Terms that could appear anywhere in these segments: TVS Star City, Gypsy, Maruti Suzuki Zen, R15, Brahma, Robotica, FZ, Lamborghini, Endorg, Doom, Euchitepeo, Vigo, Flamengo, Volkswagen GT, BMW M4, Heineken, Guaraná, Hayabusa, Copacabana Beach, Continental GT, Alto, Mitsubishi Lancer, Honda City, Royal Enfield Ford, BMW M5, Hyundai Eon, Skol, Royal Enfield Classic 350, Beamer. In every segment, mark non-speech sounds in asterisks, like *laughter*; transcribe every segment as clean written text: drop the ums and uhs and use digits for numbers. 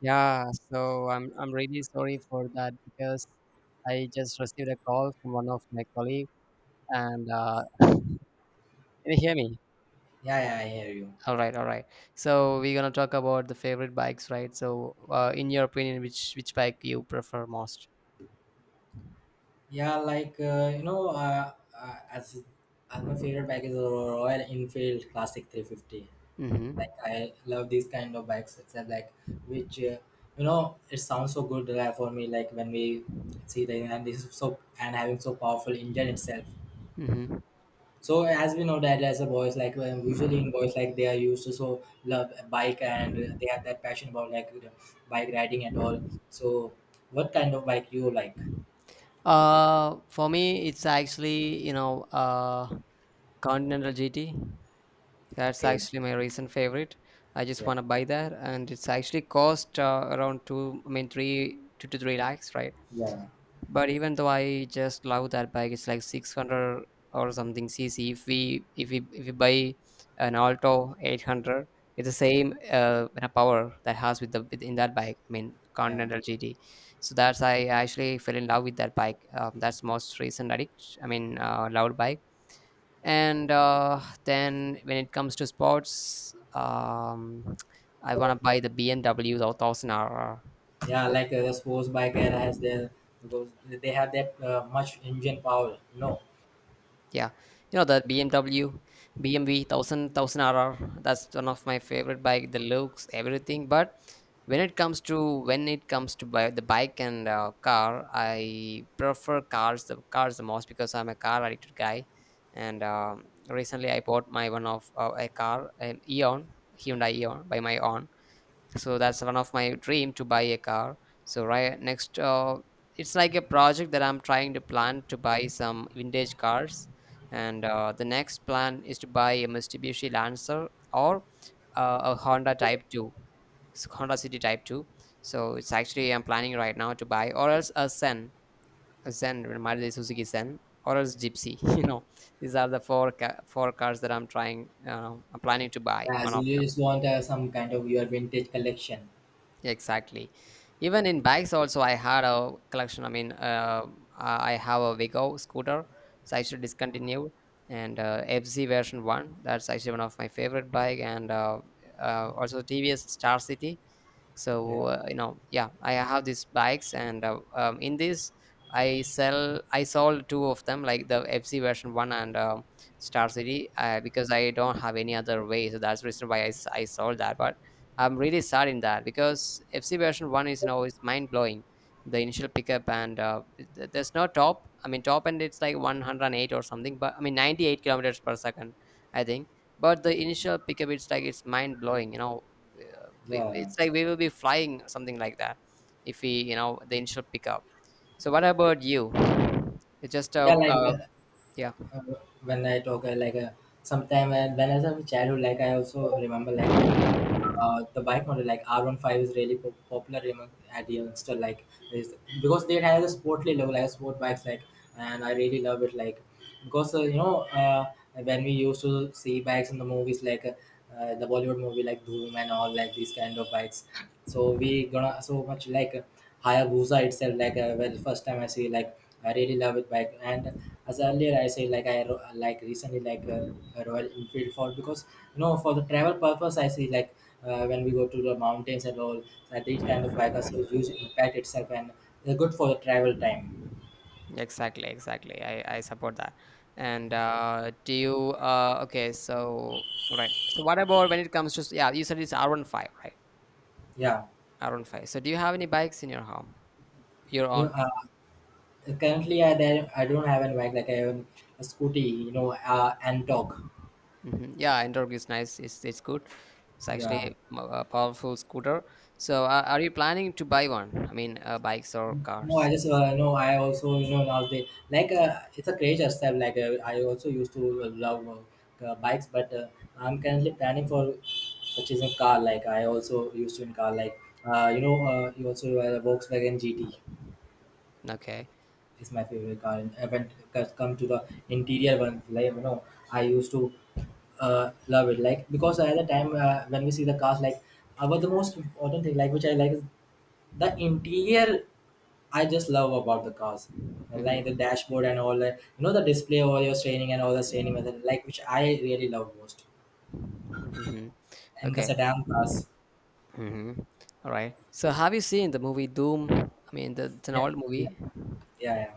Yeah, so I'm really sorry for that because I just received a call from one of my colleague and can you hear me? Yeah, yeah, I hear you. All right, all right. So we're gonna talk about the favorite bikes, right? So, in your opinion, which bike you prefer most? Yeah, like as my favorite bike is a Royal Enfield Classic 350. Mm-hmm. Like I love these kind of bikes. Except like which it sounds so good like, for me. Like when we see the and this is so and having so powerful engine itself. Mm-hmm. So as we know that as a boys like usually in boys like they are used to so love a bike and they have that passion about like you bike riding and all. So what kind of bike you like? For me, it's actually Continental GT. That's Okay, actually my recent favorite. I just yeah. want to buy that, and it's actually cost around two, I mean three, two to three lakhs, right? Yeah, But even though I just love that bike, it's like 600 or something cc. If we buy an Alto 800, it's the same kind of power that has with in that bike. I mean yeah, Continental GT. So that's I actually fell in love with that bike. That's most recent addict. I mean loved bike and then when it comes to sports, I want to buy the BMW the 1000 R. R. yeah. The, Like the sports bike era has their because they have that much engine power. No, yeah, you know the BMW 1000 RR. That's one of my favorite bike. The looks, everything. But when it comes to buy the bike and car, I prefer cars the most because I'm a car addicted guy. And recently, I bought my one of a car, an Eon Hyundai Eon, by my own, so that's one of my dream to buy a car, so right next, it's like a project that I'm trying to plan to buy some vintage cars, and the next plan is to buy a Mitsubishi Lancer, or a Honda Type 2, Honda City Type 2. So it's actually I'm planning right now to buy, or else a Zen, a zen Maruti Suzuki Zen, or else Gypsy *laughs* these are the four cars that I'm trying, I'm planning to buy one as of you just want some kind of your vintage collection. Exactly. Even in bikes, also, I had a collection. I mean, I have a Vigo scooter. It's actually discontinued, and FZ version one. That's actually one of my favorite bike, and also TVS Star City. So Yeah, yeah, I have these bikes, and in this I sold two of them, like the FC version one, and Star City, because I don't have any other way, so that's the reason why I sold that. But I'm really sad in that because FC version one is is mind-blowing, the initial pickup, and there's no top, I mean top end. It's like 108 or something, but I mean 98 kilometers per second, I think. But the initial pickup, it's like it's mind blowing. Yeah, It's like we will be flying something like that if we, the initial pickup. So what about you? It's just a yeah. Uh, yeah. uh, when I talk like sometime when I was a childhood, like I also remember like the bike model like R15 is really popular among at youngster like is because they has a sportly level like sport bikes like and I really love it like because when we used to see bikes in the movies like the Bollywood movie like Doom and all like these kind of bikes so we gonna so much like Hayabusa itself, like well, first time I see, like I really love it bike. And as earlier I say, like I like recently like a Royal Enfield Ford because you know for the travel purpose I see like when we go to the mountains and all, so these kind of bike also huge impact itself and they're good for the travel time. Exactly, exactly. I support that, and do you, okay, so right, so what about when it comes to yeah, you said it's R R15, right? Yeah, R R15. So do you have any bikes in your home, your you own? Currently I don't have any bike like I have a scooty, and dog. Hmm. Yeah, Endorg is nice. It's good. It's actually Yeah. A powerful scooter. So, are you planning to buy one? I mean, bikes or No, I cars? just no. I also you know nowadays like it's a craze style. Like I also used to love bikes, but I'm currently planning for purchasing car. Like I also used to in car. Like you also Volkswagen GT Okay. is my favorite car. And I went come to the interior one. Like you know, I used to love it. Like because at the time when we see the cars, like our the most important thing, like which I like is the interior I just love about the cars, like the Mm-hmm. dashboard and all that. You know the display all your training and all the training method, like which I really love most. Mm-hmm. And the Okay. sedan cars, Mm-hmm. All right. So, have you seen the movie Doom? I mean, it's an yeah, old yeah, movie. yeah, yeah,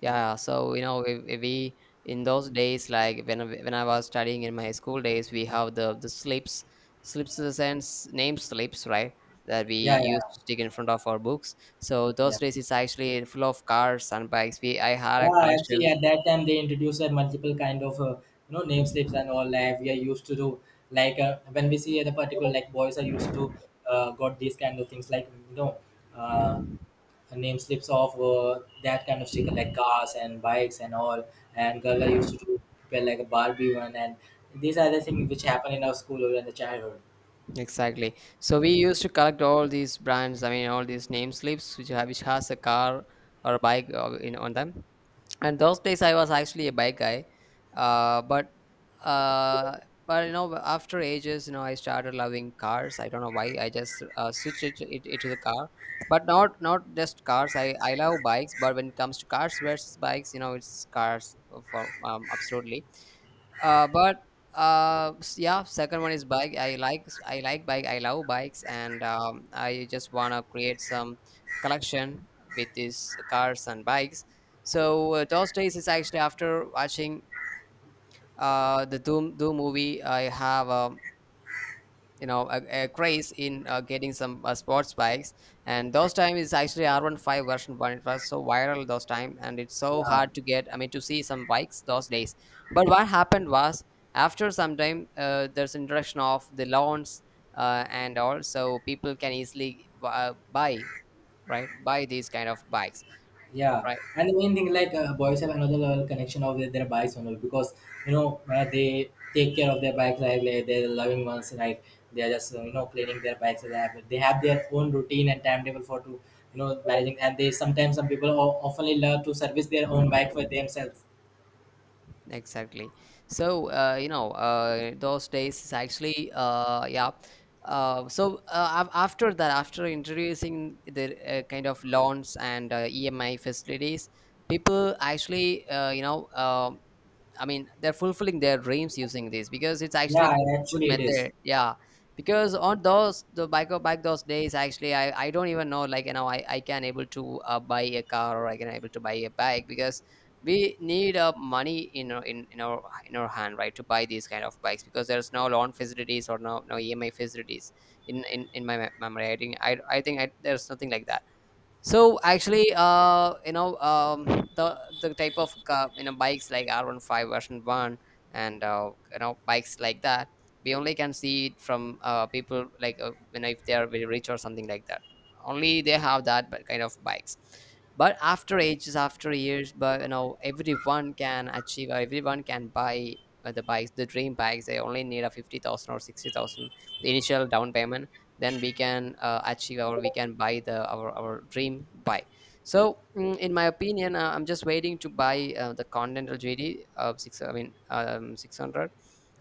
Yeah, so we in those days, like when when I was studying in my school days, we have the slips, slips in the sense name slips, right? That we yeah, used yeah, to stick in front of our books. So yeah. those days, it's actually full of cars and bikes. We I had a Yeah, actually, collection. at that time they introduced a multiple kind of you know name slips and all that we are used to do. Like when we see the particular like boys are used to do, got these kind of things like uh, her name slips off that kind of sticker like cars and bikes and all, and girl used to do prepare like a barbie one, and these are the things which happen in our school or in the childhood. Exactly. So we used to collect all these brands. I mean, all these name slips which have which has a car or a bike, in on them. And those days I was actually a bike guy, but uh, but after ages I started loving cars. I don't know why. I just switched it to the car. But not just cars. I love bikes. But when it comes to cars versus bikes, it's cars for absolutely. uh, but yeah, second one is bike. I like bike. I love bikes, and I just wanna create some collection with these cars and bikes. So those days is actually after watching the Doom movie. I have a a craze in getting some sports bikes, and those time is actually R15 version 1. It was so viral, those time, and it's so Yeah, hard to get, I mean to see some bikes those days. But what happened was, after some time, there's introduction of the loans, and all, so people can easily buy, right, buy these kind of bikes, yeah. right. And the main thing like boys have another level connection of their bikes only because you know they take care of their bikes like they're the loving ones, right? they're just you know cleaning their bikes, they have their own routine and timetable for to you know managing, and they sometimes some people often love to service their own bike for themselves. Exactly. So, those days is actually, yeah. After that, after introducing the kind of loans, and EMI facilities, people actually, I mean, they're fulfilling their dreams using this because it's actually a Yeah, good, good actually it is. method. Yeah. Because on those the back of back those days, actually, I don't even know, like I can able to buy a car, or I can able to buy a bike. Because we need money in our hand, right? To buy these kind of bikes because there's no loan facilities, or no EMI facilities in my memory. I think, there's nothing like that. So actually, the type of, bikes like R R15 version one, and bikes like that, we only can see it from people like, if they are very rich or something like that. Only they have that but kind of bikes. But after ages, after years, but everyone can achieve, or everyone can buy the bikes, the dream bikes. They only need a 50,000, or 60,000, the initial down payment. Then we can achieve our we can buy the our dream buy. So in my opinion, I'm just waiting to buy the Continental GD of six, I mean 600,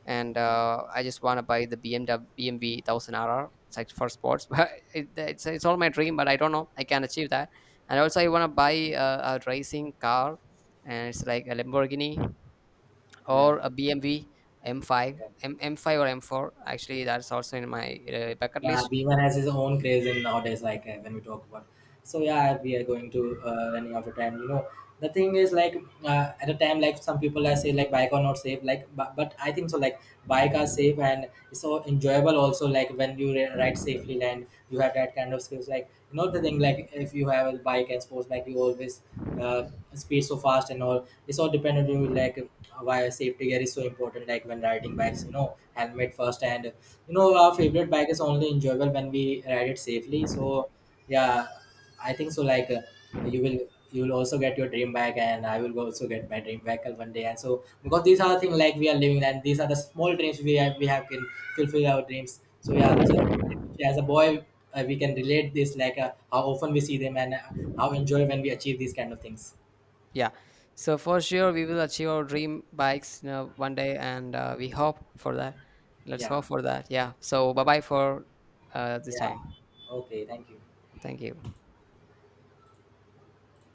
and I just want to buy the BMW 1000RR. It's like for sports *laughs* but it's all my dream. But I don't know I can achieve that. And also I want to buy a racing car, and it's like a Lamborghini, Yeah, or a BMW m5 yeah. M- m5 or M4, actually. That's also in my bucket Yeah, list. Beamer has his own craze in nowadays, like when we talk about, so yeah we are going to running out of time, you know the thing is like at a time like some people are say like bike are not safe like but I think so like bike are safe and it's so enjoyable also like when you ride safely and you have that kind of skills, like you know the thing like if you have a bike and sports bike you always uh, speed so fast and all, it's all dependent on you, like why safety gear is so important like when riding bikes, you know helmet first, and you know our favorite bike is only enjoyable when we ride it safely, so yeah I think so. Like you will, you will also get your dream back, and I will also get my dream back one day. And so because these are the things like we are living, and these are the small dreams we have can fulfill our dreams. So yeah, these are as a boy we can relate this like how often we see them, and how enjoy when we achieve these kind of things. Yeah. So for sure, we will achieve our dream bikes, one day, and we hope for that. Let's Yeah, hope for that. Yeah. So bye bye for this yeah. time. Okay, thank you. Thank you.